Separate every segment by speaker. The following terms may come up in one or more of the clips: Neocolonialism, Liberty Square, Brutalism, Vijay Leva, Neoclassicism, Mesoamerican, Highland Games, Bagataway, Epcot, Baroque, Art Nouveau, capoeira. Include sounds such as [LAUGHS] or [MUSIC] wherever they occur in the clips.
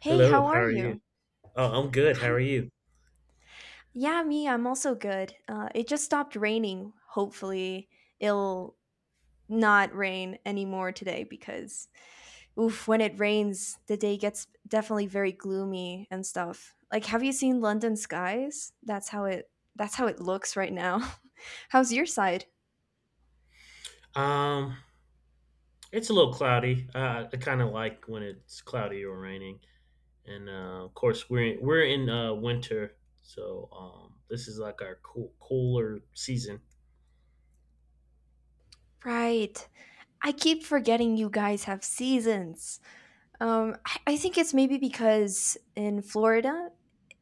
Speaker 1: Hey,
Speaker 2: Hello,
Speaker 1: how are
Speaker 2: how are you?
Speaker 1: you?
Speaker 2: Oh, I'm good. How
Speaker 1: I'm
Speaker 2: are you?
Speaker 1: I'm also good. It just stopped raining. Hopefully, it'll not rain anymore today because oof, when it rains, the day gets definitely very gloomy and stuff. Like, have you seen London skies? That's how it looks right now. [LAUGHS] How's your side?
Speaker 2: Um, it's a little cloudy. I kind of like when it's cloudy or raining. And of course, we're in winter, so this is like our cooler season.
Speaker 1: Right. I keep forgetting you guys have seasons. I think it's maybe because in Florida,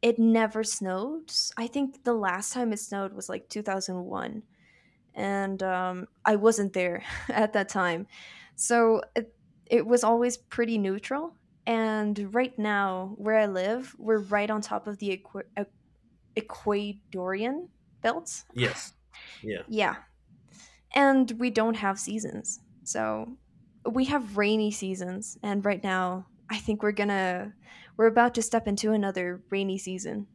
Speaker 1: it never snowed. I think the last time it snowed was like 2001, and I wasn't there [LAUGHS] at that time. So it was always pretty neutral. And right now, where I live, we're right on top of the equatorian belt. [SIGHS]
Speaker 2: Yes. Yeah.
Speaker 1: Yeah, and we don't have seasons. So we have rainy seasons and right now I think we're about to step into another rainy season.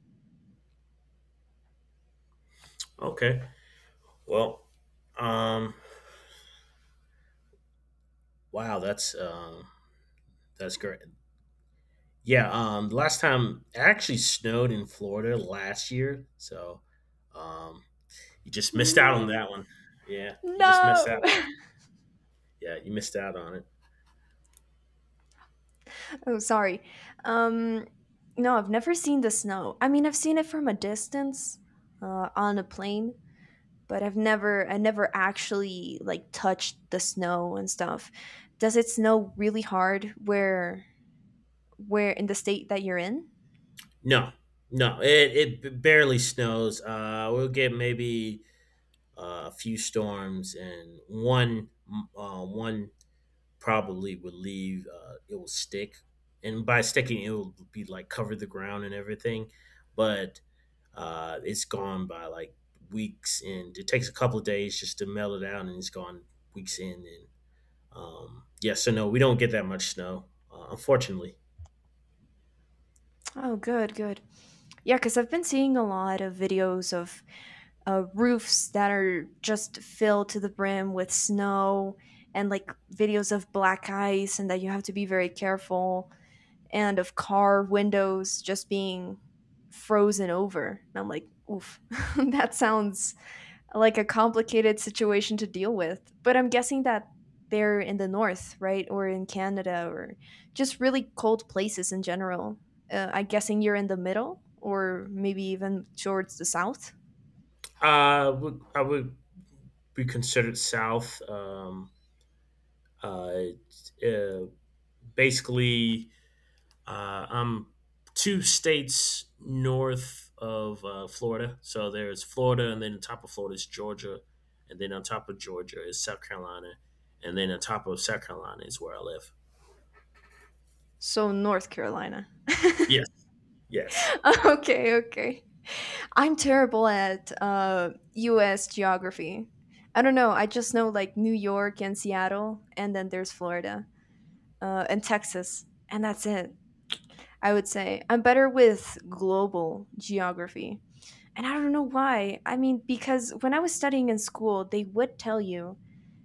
Speaker 2: Okay. Well, um, wow, that's that's great. Yeah, the last time it actually snowed in Florida last year, so um, you just missed out on
Speaker 1: No.
Speaker 2: that one. Yeah, you just missed
Speaker 1: No.
Speaker 2: out. Yeah, you missed out on it.
Speaker 1: [LAUGHS] Oh, sorry. Um no, I've never seen the snow. I mean, I've seen it from a distance on a plane, but I never actually like touched the snow and stuff. Does it snow really hard where in the state that you're in?
Speaker 2: No, no, it barely snows. We'll get maybe a few storms and one probably would leave it will stick, and by sticking it will be like cover the ground and everything. But it's gone by like weeks, and it takes a couple of days just to melt it out, and it's gone weeks in. And yeah, so no, we don't get that much snow, unfortunately.
Speaker 1: Oh, good, good. Yeah, because I've been seeing a lot of videos of roofs that are just filled to the brim with snow and like videos of black ice, and that you have to be very careful, and of car windows just being frozen over. And I'm like, oof, [LAUGHS] that sounds like a complicated situation to deal with. But I'm guessing that they're in the north, right? Or in Canada or just really cold places in general. I'm guessing you're in the middle or maybe even towards the south.
Speaker 2: I would be considered south. Uh, uh, Basically, I'm two states north of Florida. So there's Florida, and then on top of Florida is Georgia, and then on top of Georgia is South Carolina, and then on top of South Carolina is where I live.
Speaker 1: So North Carolina.
Speaker 2: Yes, yes,
Speaker 1: [LAUGHS] Okay, okay. I'm terrible at US geography. I don't know. I just know like New York and Seattle, and then there's Florida and Texas, and that's it. I would say. I'm better with global geography. And I don't know why. I mean, because when I was studying in school, they would tell you,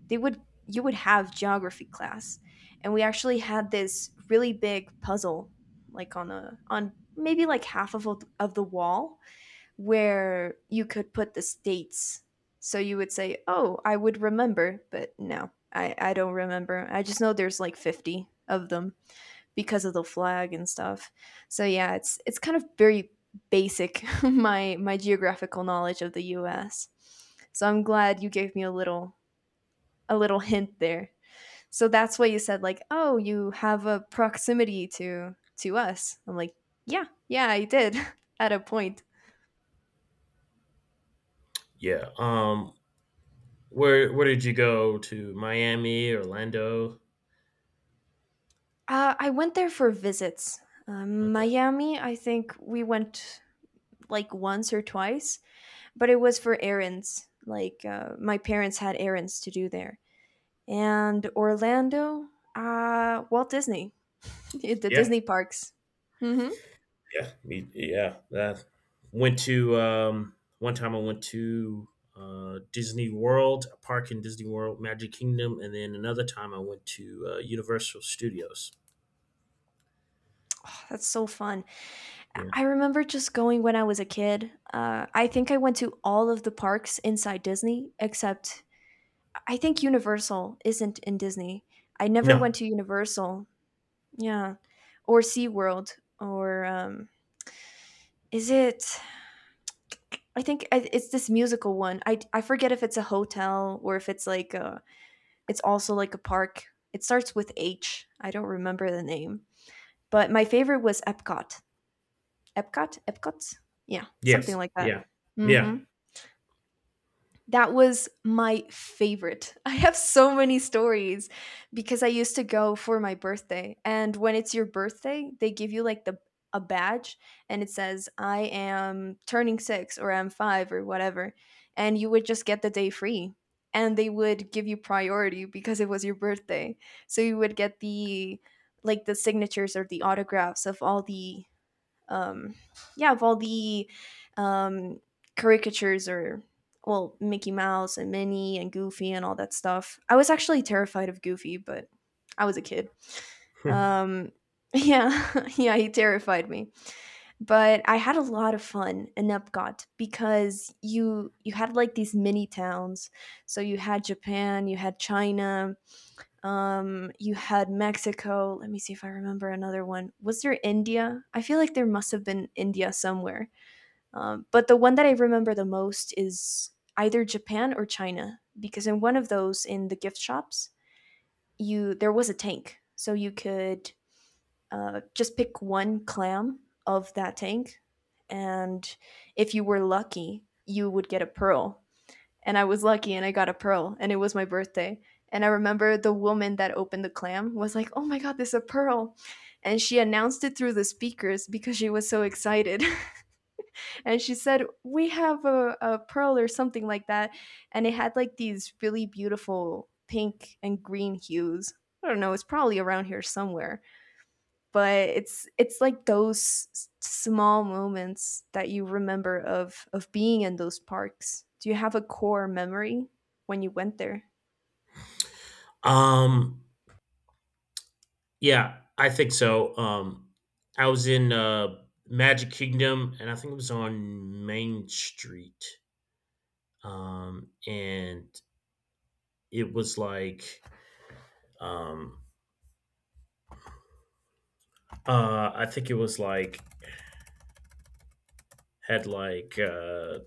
Speaker 1: they would you would have geography class. And we actually had this really big puzzle like on maybe like half of the wall where you could put the states. So you would say, "Oh, I would remember," but no. I don't remember. I just know there's like 50 of them because of the flag and stuff. So yeah, it's kind of very basic [LAUGHS] my geographical knowledge of the US. So I'm glad you gave me a little hint there. So that's why you said like, "Oh, you have a proximity to us." I'm like, "Yeah, yeah, I did [LAUGHS] at a point."
Speaker 2: yeah. Where did you go to? Miami, Orlando?
Speaker 1: I went there for visits.
Speaker 2: Okay,
Speaker 1: Miami, I think we went like once or twice, but it was for errands. Like my parents had errands to do there and Orlando, Walt Disney, [LAUGHS] the
Speaker 2: yeah.
Speaker 1: Disney parks. Mm-hmm.
Speaker 2: Yeah, me, yeah. That went to one time. I went to Disney World, a park in Disney World, Magic Kingdom, and then another time I went to Universal Studios.
Speaker 1: That's so fun.
Speaker 2: Yeah.
Speaker 1: I- remember just going when I was a kid. I think I went to all of the parks inside Disney, except I think Universal isn't in Disney. I never went
Speaker 2: No.
Speaker 1: to Universal. Yeah. Or SeaWorld. Or is it? I think it's this musical one. I forget if it's a hotel or if it's like a It's also like a park. It starts with H. I don't remember the name. But my favorite was Epcot. Epcot? Epcot? Yeah, something
Speaker 2: Yes.
Speaker 1: like that.
Speaker 2: Yeah. Yeah.
Speaker 1: Hmm,
Speaker 2: [LAUGHS]
Speaker 1: that was my favorite. [LAUGHS] I have so many stories because I used to go for my birthday. And when it's your birthday, they give you like the a badge and it says I am turning 6 or I'm 5 or whatever. And you would just get the day free and they would give you priority because it was your birthday. So you would get the like the signatures or the autographs of all the um, yeah, of all the um, caricatures or well, Mickey Mouse and Minnie and Goofy and all that stuff. I was actually terrified of Goofy, but I was a kid.
Speaker 2: Hmm.
Speaker 1: Um, yeah, [LAUGHS] yeah, he terrified me. But I had a lot of fun in Epcot because you had like these mini towns. So you had Japan, you had China, you had Mexico. Let me see if I remember another one. Was there India? I feel like there must have been India somewhere. But the one that I remember the most is either Japan or China because in one of those in the gift shops, you there was a tank, so you could just pick one clam of that tank, and if you were lucky, you would get a pearl and I was lucky and I got a pearl and it was my birthday. And I remember the woman that opened the clam was like, "Oh my god, there's a pearl." And she announced it through the speakers because she was so excited. [LAUGHS] And she said, "We have a pearl or something like that." And it had like these really beautiful pink and green hues. I don't know, it's probably around here somewhere but it's like those small moments that you remember of being in those parks. Do you have a core memory when you went there?
Speaker 2: um. Yeah. I think so. I was in Magic Kingdom, and I think it was on Main Street. And it was like um. I think it was like had like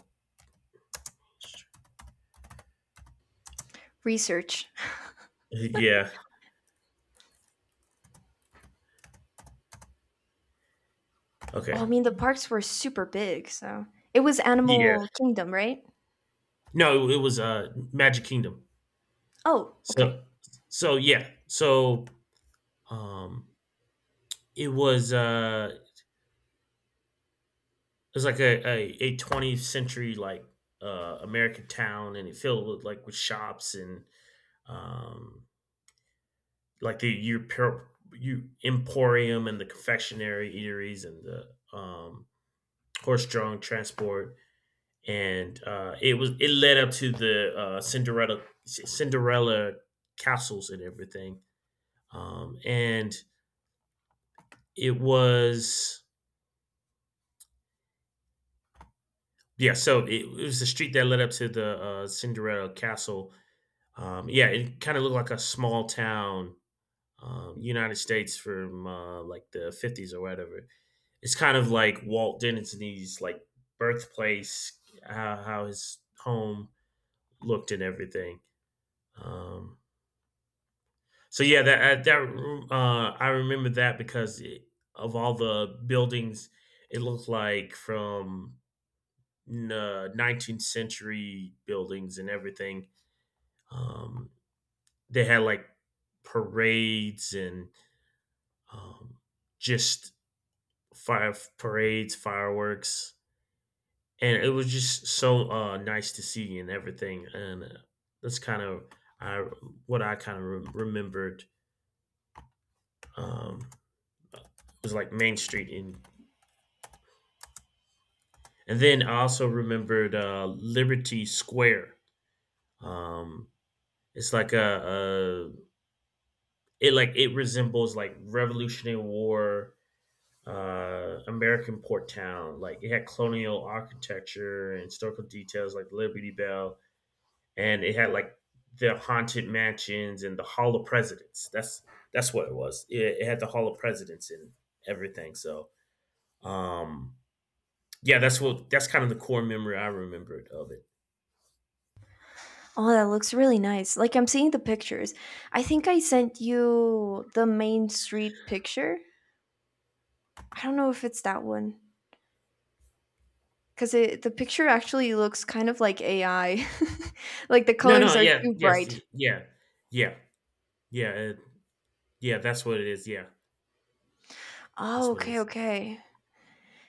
Speaker 1: Research.
Speaker 2: yeah,
Speaker 1: Oh, I
Speaker 2: okay,
Speaker 1: mean the parks were super big, so it was
Speaker 2: yeah,
Speaker 1: Animal Kingdom, right?
Speaker 2: no, it was Magic Kingdom.
Speaker 1: Oh, okay.
Speaker 2: So so yeah, so um it was uh it was like a 20th century like american town, and it filled with like with shops and um like the you emporium and the confectionery eateries and the um horse-drawn transport. And it was it led up to the Cinderella castles and everything. And it was yeah, so it was the street that led up to the Cinderella castle. Yeah, it kind of looked like a small town, United States from like the 50s or whatever. It's kind of like Walt Disney's like birthplace, how his home looked and everything. Um, So yeah, that that I remember that because it of all the buildings, it looked like from n 19th century buildings and everything. Um, they had, like, parades and, um, just fire parades, fireworks, and it was just so, nice to see and everything, and, that's kind of I what I kinda re remembered. Um, it was, like, Main Street in. And then I also remembered Liberty Square. Um, it's like a it like it resembles like Revolutionary War American port town. Like it had colonial architecture and historical details like Liberty Bell, and it had like the haunted mansions and the Hall of Presidents. That's what it was. It had the Hall of Presidents and everything. So um, yeah, that's what that's kind of the core memory I remembered of it.
Speaker 1: Oh, that looks really nice. Like, I'm seeing the pictures. I think I sent you the Main Street picture. I don't know if it's that one because the picture actually looks kind of like AI. [LAUGHS] Like, the
Speaker 2: No,
Speaker 1: colors
Speaker 2: no,
Speaker 1: are
Speaker 2: yeah,
Speaker 1: too
Speaker 2: yes,
Speaker 1: bright.
Speaker 2: yeah, yeah, yeah, uh, yeah. That's what it is. Yeah,
Speaker 1: Oh,
Speaker 2: that's what it
Speaker 1: okay,
Speaker 2: is.
Speaker 1: okay.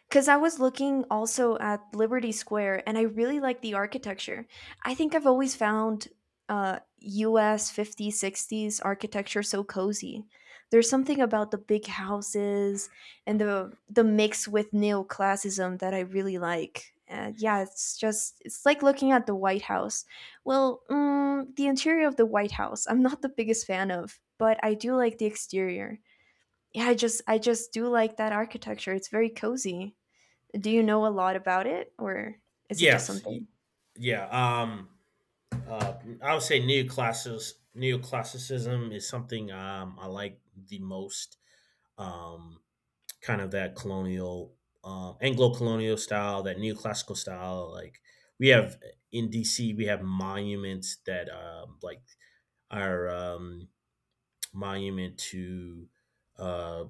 Speaker 1: Because I was looking also at Liberty Square and I really like the architecture. I think I've always found US 50s, 60s architecture so cozy. There's something about the big houses and the mix with neoclassicism that I really like. And yeah, it's just it's like looking at the White House. Well, mm, the interior of the White House, I'm not the biggest fan of, but I do like the exterior yeah, I just do like that architecture. It's very cozy. Do you know a lot about it or is it just
Speaker 2: Yes,
Speaker 1: something?
Speaker 2: yeah. Uh, I would say neoclassis neoclassicism is something I like the most. Um, kind of that colonial, Anglo colonial style, that neoclassical style. Like we have in DC, we have monuments that like are monument to uh,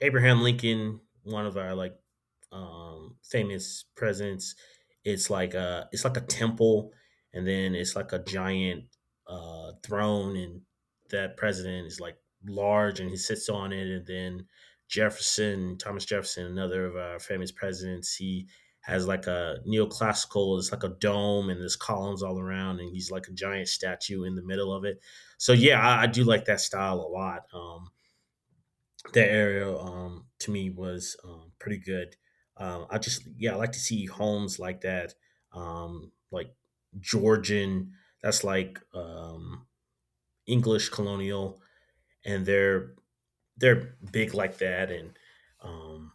Speaker 2: Abraham Lincoln, one of our like famous presidents. It's like a temple, and then it's like a giant throne, and that president is like large, and he sits on it. And then Jefferson, Thomas Jefferson, another of our famous presidents, he has like a neoclassical. It's like a dome, and there's columns all around, and he's like a giant statue in the middle of it. So yeah, I do like that style a lot. That aerial to me was pretty good. I just yeah, I like to see homes like that, like Georgian. That's like English colonial, and they're big like that. And um,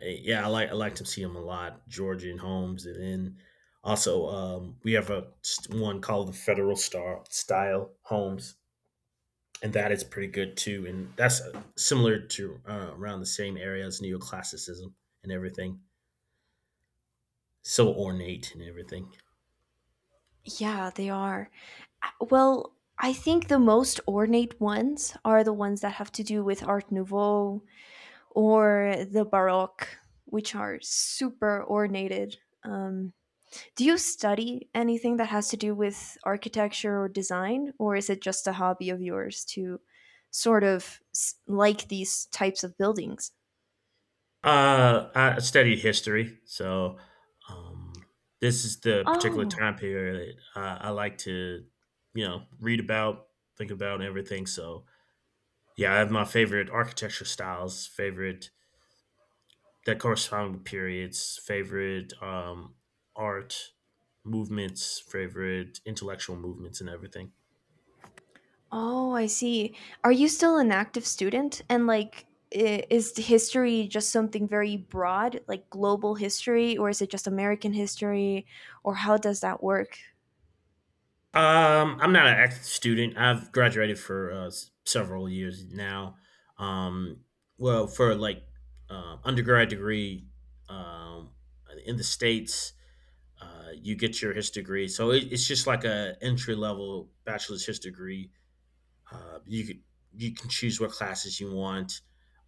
Speaker 2: yeah, I like to see them a lot. Georgian homes, and then also we have one called the Federal Star Style Homes, and that is pretty good too. And that's similar to around the same area as neoclassicism and everything. So ornate and everything.
Speaker 1: Yeah, they are. Well, I think the most ornate ones are the ones that have to do with Art Nouveau or the Baroque, which are super ornated. Um, do you study anything that has to do with architecture or design, or is it just a hobby of yours to sort of like these types of buildings?
Speaker 2: I studied history, so um, this is the particular
Speaker 1: Oh,
Speaker 2: time period I like to, you know, read about, think about, and everything. So yeah, I have my favorite architecture styles, favorite that correspond with periods, favorite art movements, favorite intellectual movements, and everything.
Speaker 1: oh, I see. Are you still an active student? And like, is history just something very broad, like global history, or is it just American history, or how does that work?
Speaker 2: I'm not an active student. I've graduated for several years now. Um, well, for like undergrad degree um, in the states, you get your history degree. So it, it's just like a entry level bachelor's history degree. You could you can choose what classes you want.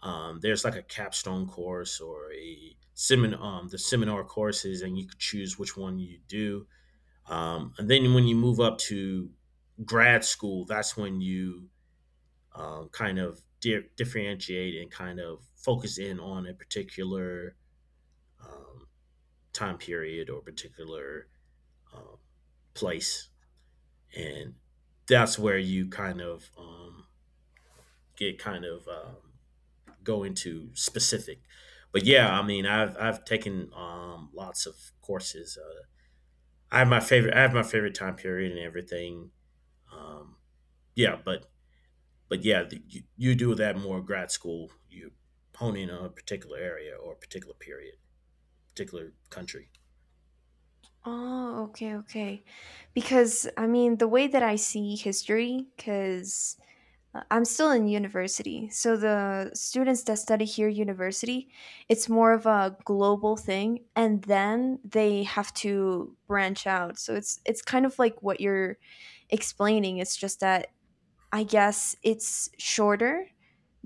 Speaker 2: There's like a capstone course or a seminar, the seminar courses, and you could choose which one you do. And then when you move up to grad school, that's when you kind of differentiate and kind of focus in on a particular um, time period or particular um, place. And that's where you kind of get kind of go into specific. But yeah, I mean, I've taken lots of courses. I have my favorite. I have my favorite time period and everything. Um, yeah, but yeah, the, you do that more in grad school. You hone in on a particular area or a particular period, particular country.
Speaker 1: Oh, okay, okay. Because I mean, the way that I see history, because I'm still in university. So the students that study here university, it's more of a global thing and then they have to branch out. So it's kind of like what you're explaining. It's just that I guess it's shorter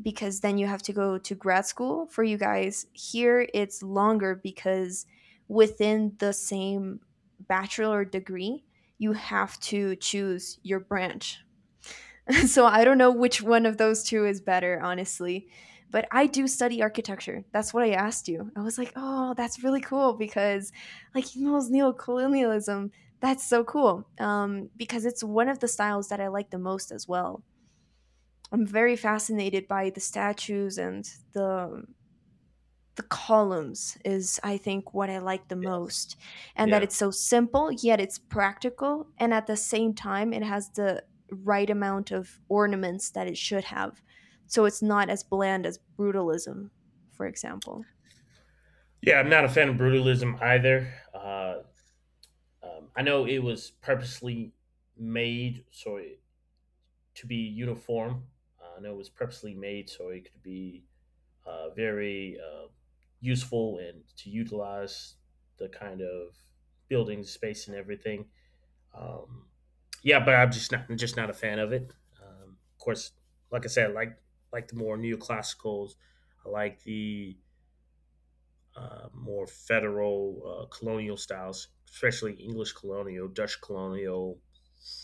Speaker 1: because then you have to go to grad school for you guys. Here it's longer because within the same bachelor degree, you have to choose your branch. [LAUGHS] So I don't know which one of those two is better, honestly. But I do study architecture. That's what I asked you. I was like, oh, that's really cool because, like, he knows neocolonialism. That's so cool because it's one of the styles that I like the most as well. I'm very fascinated by the statues and the the columns is I think what I like the
Speaker 2: Yes.
Speaker 1: most, and that
Speaker 2: Yeah.
Speaker 1: it's so simple yet it's practical and at the same time it has the right amount of ornaments that it should have, so it's not as bland as brutalism, for example.
Speaker 2: Yeah, I'm not a fan of brutalism either. I know it was purposely made so it, to be uniform. I know it was purposely made so it could be very useful and to utilize the kind of building space and everything. Um, yeah, but I'm just not a fan of it. Of course, like I said, I like the more neoclassicals. I like the more federal colonial styles, especially English colonial, Dutch colonial.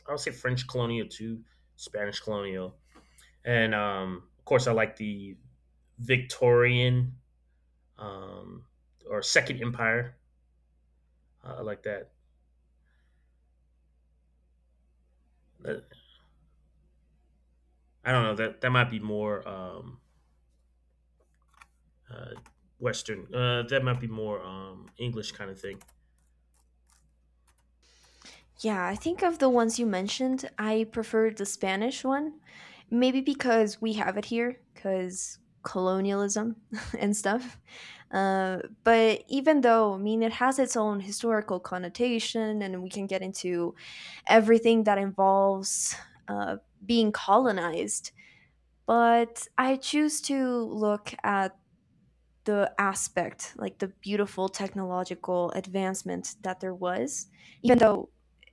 Speaker 2: I would say French colonial too, Spanish colonial, and of course, I like the Victorian um, or Second Empire. I like that. Uh, I don't know, that that might be more uh, Western. That might be more English kind of thing.
Speaker 1: Yeah, I think of the ones you mentioned, I prefer the Spanish one. Maybe because we have it here, because colonialism [LAUGHS] and stuff. But even though, I mean, it has its own historical connotation, and we can get into everything that involves uh, being colonized. But I choose to look at the aspect, like the beautiful technological advancement that there was, even though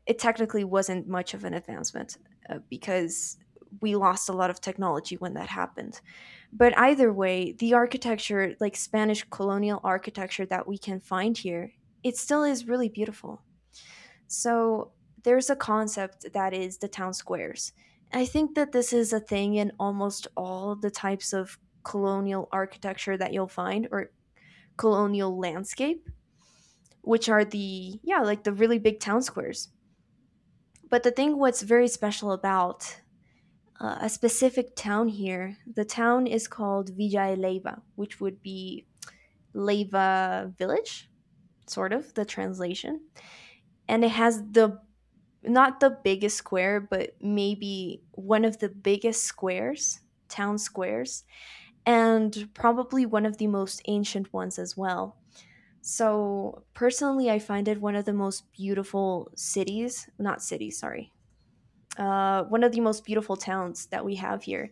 Speaker 1: it technically wasn't much of an advancement because we lost a lot of technology when that happened. But either way, the architecture, like Spanish colonial architecture that we can find here, it still is really beautiful. So there's a concept that is the town squares. I think that this is a thing in almost all the types of colonial architecture that you'll find, or colonial landscape, which are the, yeah, like the really big town squares. But the thing what's very special about a specific town here, the town is called Vijay Leva, which would be Leva village, sort of the translation. And it has the not the biggest square, but maybe one of the biggest squares, town squares, and probably one of the most ancient ones as well. So personally, I find it one of the most beautiful cities, not cities, sorry. One of the most beautiful towns that we have here,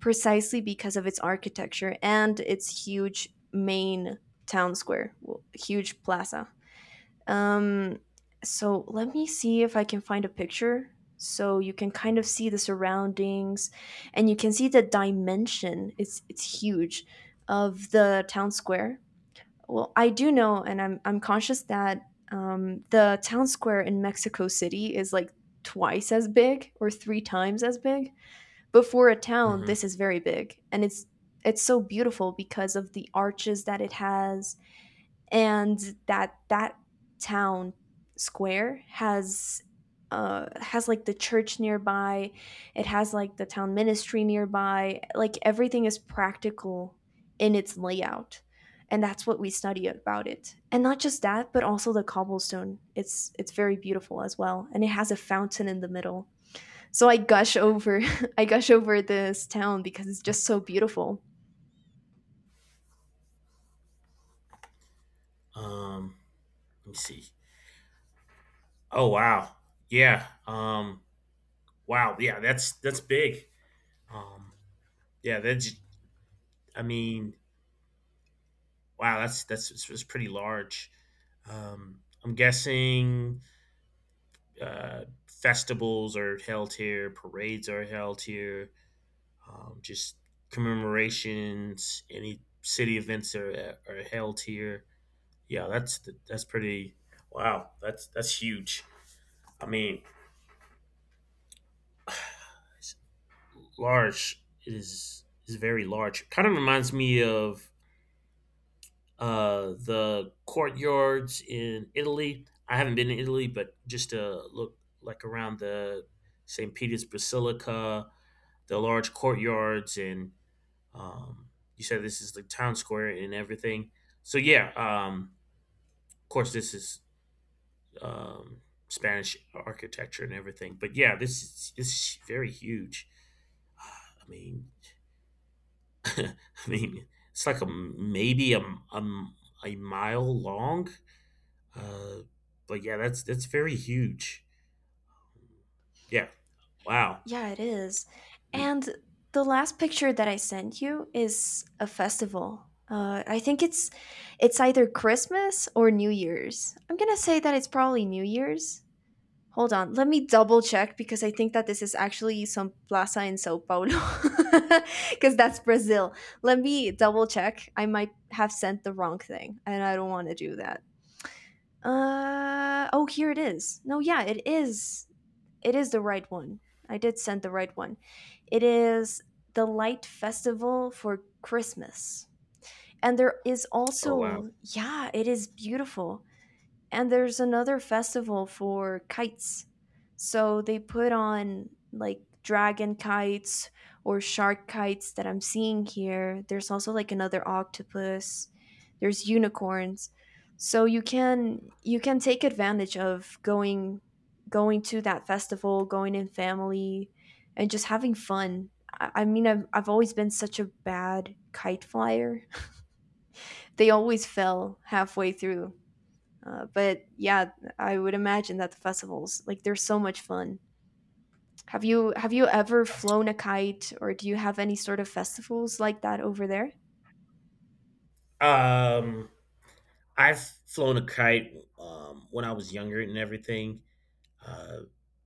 Speaker 1: precisely because of its architecture and its huge main town square, huge plaza. Um, so let me see if I can find a picture so you can kind of see the surroundings and you can see the dimension. It's huge, of the town square. Well, I do know, and I'm conscious that the town square in Mexico City is like twice as big or three times as big. But for a town,
Speaker 2: Mm-hmm.
Speaker 1: this is very big, and it's so beautiful because of the arches that it has, and that town square has like the church nearby, it has like the town ministry nearby, like everything is practical in its layout. And that's what we study about it, and not just that, but also the cobblestone, it's very beautiful as well, and it has a fountain in the middle. So I gush over, [LAUGHS] I gush over this town because it's just so beautiful.
Speaker 2: Um, let me see. Oh wow, yeah. Wow, yeah. That's big. Um, yeah, that's. I mean, wow. That's it's pretty large. I'm guessing festivals are held here, parades are held here, just commemorations, any city events are held here. Yeah, that's pretty. Wow, that's huge. I mean, large is very large. Kind of reminds me of the courtyards in Italy. I haven't been to Italy, but just to look like around the St. Peter's Basilica, the large courtyards, and um, you said this is the town square and everything. So yeah, of course, this is um, Spanish architecture and everything. But yeah, this is very huge. I mean, [LAUGHS] I mean, it's like a maybe a, a mile long. Uh, but yeah, that's very huge. Yeah. Wow.
Speaker 1: Yeah, it is. And the last picture that I sent you is a festival. I think it's either Christmas or New Year's. I'm gonna say that it's probably New Year's. Hold on, let me double check, because I think that this is actually some plaza in Sao Paulo, [LAUGHS] because that's Brazil. Let me double check. I might have sent the wrong thing, and I don't want to do that. Uh oh, here it is. No, yeah, it is the right one. I did send the right one. It is the Light Festival for Christmas. And there is
Speaker 2: Oh wow.
Speaker 1: also, yeah, it is beautiful. And there's another festival for kites. So they put on like dragon kites or shark kites that I'm seeing here. There's also like another octopus. There's unicorns. So you can take advantage of going to that festival, going in family, and just having fun. I mean I've always been such a bad kite flyer. [LAUGHS] They always fell halfway through, but yeah, I would imagine that the festivals like they're so much fun. Have you ever flown a kite, or do you have any sort of festivals like that over there?
Speaker 2: Um, I've flown a kite when I was younger and everything. Uh,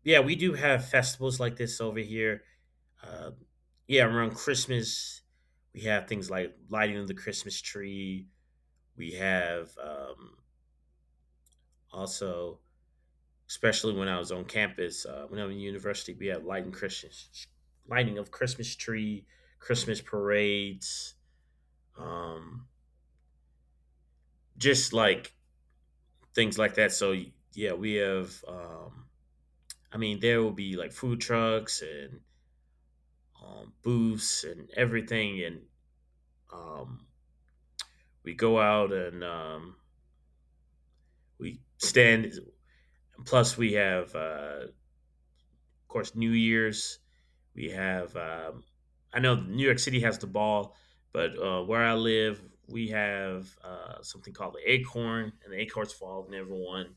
Speaker 2: yeah, we do have festivals like this over here. Uh, yeah, around Christmas, we have things like lighting of the Christmas tree. We have also, especially when I was on campus, when I was in university, we had lighting Christmas, lighting of Christmas tree, Christmas parades, um, just like things like that. So yeah, we have. I mean, there will be like food trucks and booths and everything, and um, we go out and we stand. Plus, we have, of course, New Year's. We have. I know New York City has the ball, but where I live, we have something called the Acorn, and the Acorns fall, and everyone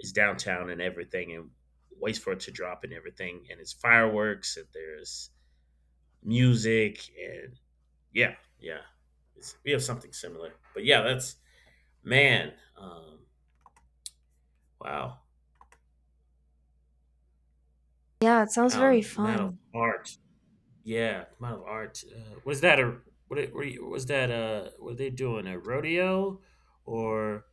Speaker 2: is downtown and everything, and waits for it to drop and everything, and it's fireworks, and there's music, and yeah, yeah, it's, we have something similar. But yeah, that's man, wow,
Speaker 1: Yeah, it sounds very
Speaker 2: Alan, man of
Speaker 1: fun.
Speaker 2: art. Yeah, amount of art. Was that a what? Were was that Were they doing a rodeo, or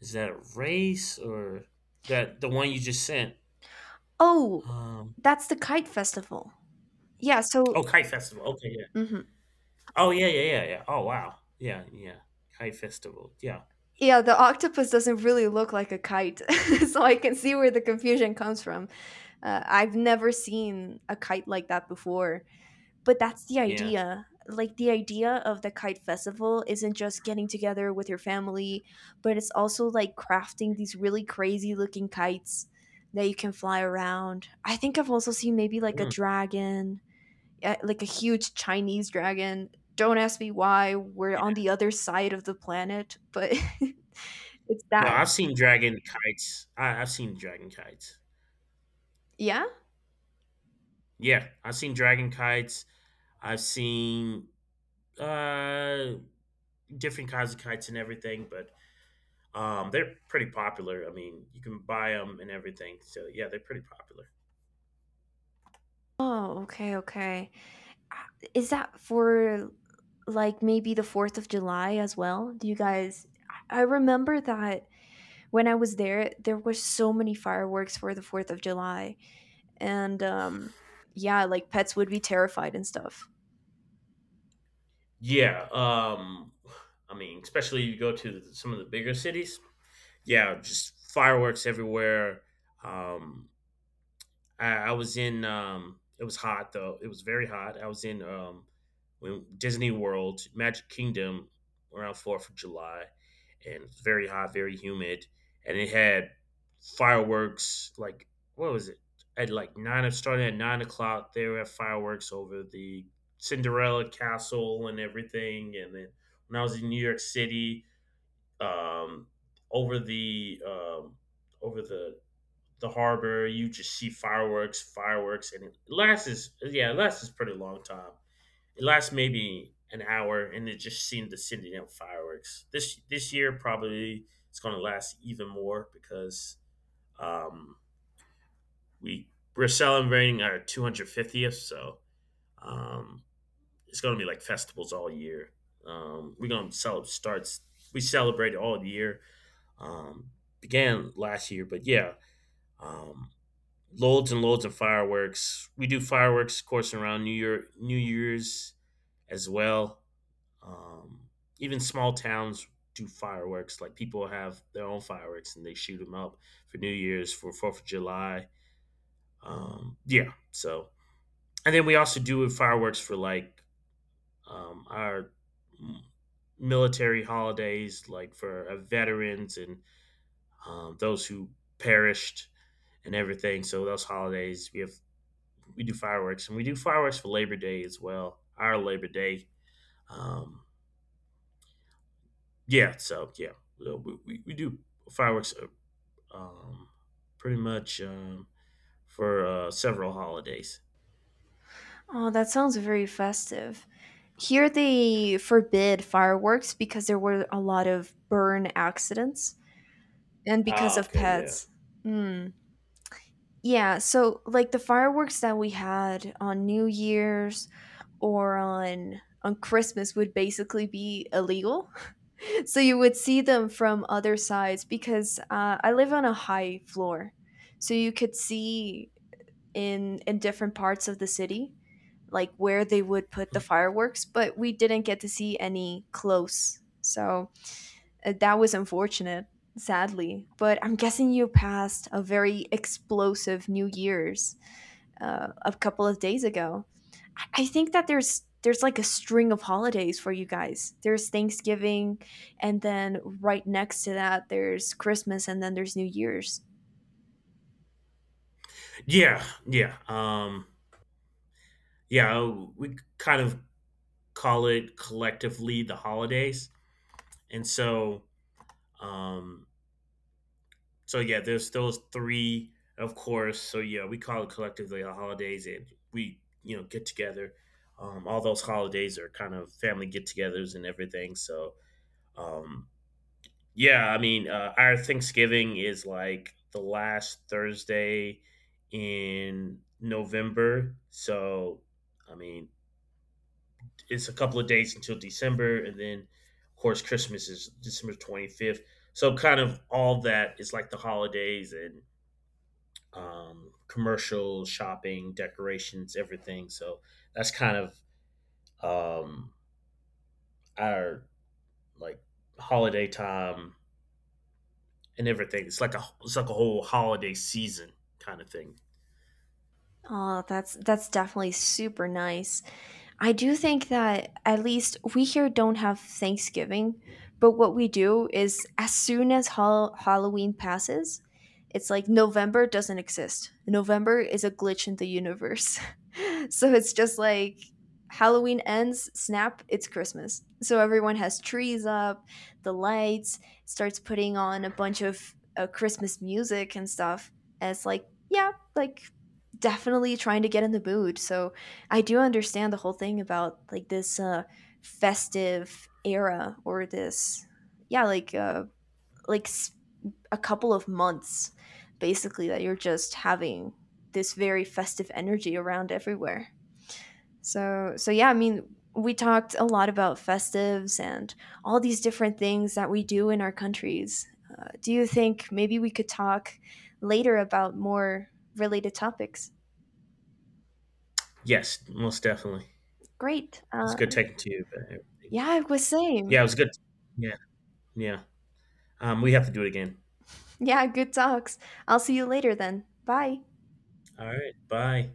Speaker 2: is that a race, or that the one you just sent?
Speaker 1: Oh,
Speaker 2: Um.
Speaker 1: that's the kite festival. Yeah, so
Speaker 2: Oh, kite festival. Okay, yeah.
Speaker 1: mhm.
Speaker 2: Oh, yeah, yeah, yeah, yeah. Oh, wow. Yeah, yeah. Kite festival. Yeah,
Speaker 1: Yeah, the octopus doesn't really look like a kite, [LAUGHS] so I can see where the confusion comes from. I've never seen a kite like that before. But that's the
Speaker 2: yeah.
Speaker 1: idea. Like the idea of the kite festival isn't just getting together with your family, but it's also like crafting these really crazy looking kites that you can fly around. I think I've also seen maybe like a
Speaker 2: Mm,
Speaker 1: dragon, like a huge Chinese dragon. Don't ask me why we're on
Speaker 2: yeah.
Speaker 1: the other side of the planet, but [LAUGHS] it's
Speaker 2: No,
Speaker 1: that.
Speaker 2: I've seen dragon kites. I've seen dragon kites.
Speaker 1: Yeah?
Speaker 2: Yeah, I've seen dragon kites. I've seen uh different kinds of kites and everything, but they're pretty popular. I mean, you can buy them and everything. So yeah, they're pretty popular.
Speaker 1: Oh, okay, okay. Is that for like maybe the 4th of July as well? Do you guys, I remember that when I was there, there were so many fireworks for the 4th of July, and yeah, like pets would be terrified and stuff.
Speaker 2: Yeah. I mean, especially you go to the, some of the bigger cities. Yeah, just fireworks everywhere. Um, I was in. It was hot though. It was very hot. I was in Disney World, Magic Kingdom, around the 4th of July, and it was very hot, very humid, and it had fireworks. Like what was it? At like starting at 9 o'clock, they were at fireworks over the Cinderella Castle and everything. And then when I was in New York City, um, over the um, over the harbor. You just see fireworks, fireworks, and it lasts is yeah, it lasts is pretty long time. It lasts maybe an hour, and it just seemed to send out fireworks. This year probably it's going to last even more because um, we we're celebrating our 250th, so um, it's going to be like festivals all year. We're going to celebrate starts. We celebrate all year. Um, began last year, but yeah, um, loads and loads of fireworks. We do fireworks, of course, around New Year's as well. Um, even small towns do fireworks. Like people have their own fireworks and they shoot them up for New Year's, for the 4th of July. Yeah. So, and then we also do fireworks for like our mm, military holidays, like for veterans and those who perished and everything. So those holidays, we have we do fireworks, and we do fireworks for Labor Day as well. Our Labor Day, um, yeah. So yeah, so we do fireworks uh, um, pretty much for several holidays.
Speaker 1: Oh, that sounds very festive. Here they forbid fireworks because there were a lot of burn accidents, and because
Speaker 2: Ah,
Speaker 1: of
Speaker 2: okay, yeah.
Speaker 1: pets. Mm. Yeah, so like the fireworks that we had on New Year's or on Christmas would basically be illegal. [LAUGHS] So you would see them from other sides, because I live on a high floor, so you could see in different parts of the city, like where they would put the fireworks. But we didn't get to see any close, so that was unfortunate, sadly. But I'm guessing you passed a very explosive New Year's a couple of days ago. Think that there's like a string of holidays for you guys. There's Thanksgiving, and then right next to that, there's Christmas, and then there's New Year's.
Speaker 2: Yeah, yeah, yeah. We kind of call it collectively the holidays, and so um, so yeah, there's those three, of course. So yeah, we call it collectively the holidays, and we you know get together. All those holidays are kind of family get-togethers and everything. So um, yeah, I mean, our Thanksgiving is like the last Thursday in November. So I mean, it's a couple of days until December, and then of course Christmas is December 25th. So kind of all that is like the holidays and commercial shopping, decorations, everything. So that's kind of um, our like holiday time and everything. It's like a whole holiday season kind of thing.
Speaker 1: Oh, that's definitely super nice. I do think that at least we here don't have Thanksgiving, but what we do is as soon as Halloween passes, it's like November doesn't exist. November is a glitch in the universe. [LAUGHS] So it's just like Halloween ends, snap, it's Christmas. So everyone has trees up, the lights, starts putting on a bunch of Christmas music and stuff. And it's like, yeah, like definitely trying to get in the mood. So I do understand the whole thing about like this festive era, or this yeah, like like s- a couple of months basically that you're just having this very festive energy around everywhere. So yeah, I mean, we talked a lot about festives and all these different things that we do in our countries. Do you think maybe we could talk later about more related topics?
Speaker 2: Yes, most definitely.
Speaker 1: Great.
Speaker 2: It's good taking to you, but everything.
Speaker 1: Yeah, it was
Speaker 2: Yeah,
Speaker 1: same.
Speaker 2: it was good. Yeah, yeah. We have to do it again.
Speaker 1: Yeah, good talks. I'll see you later then. Bye.
Speaker 2: All right. Bye.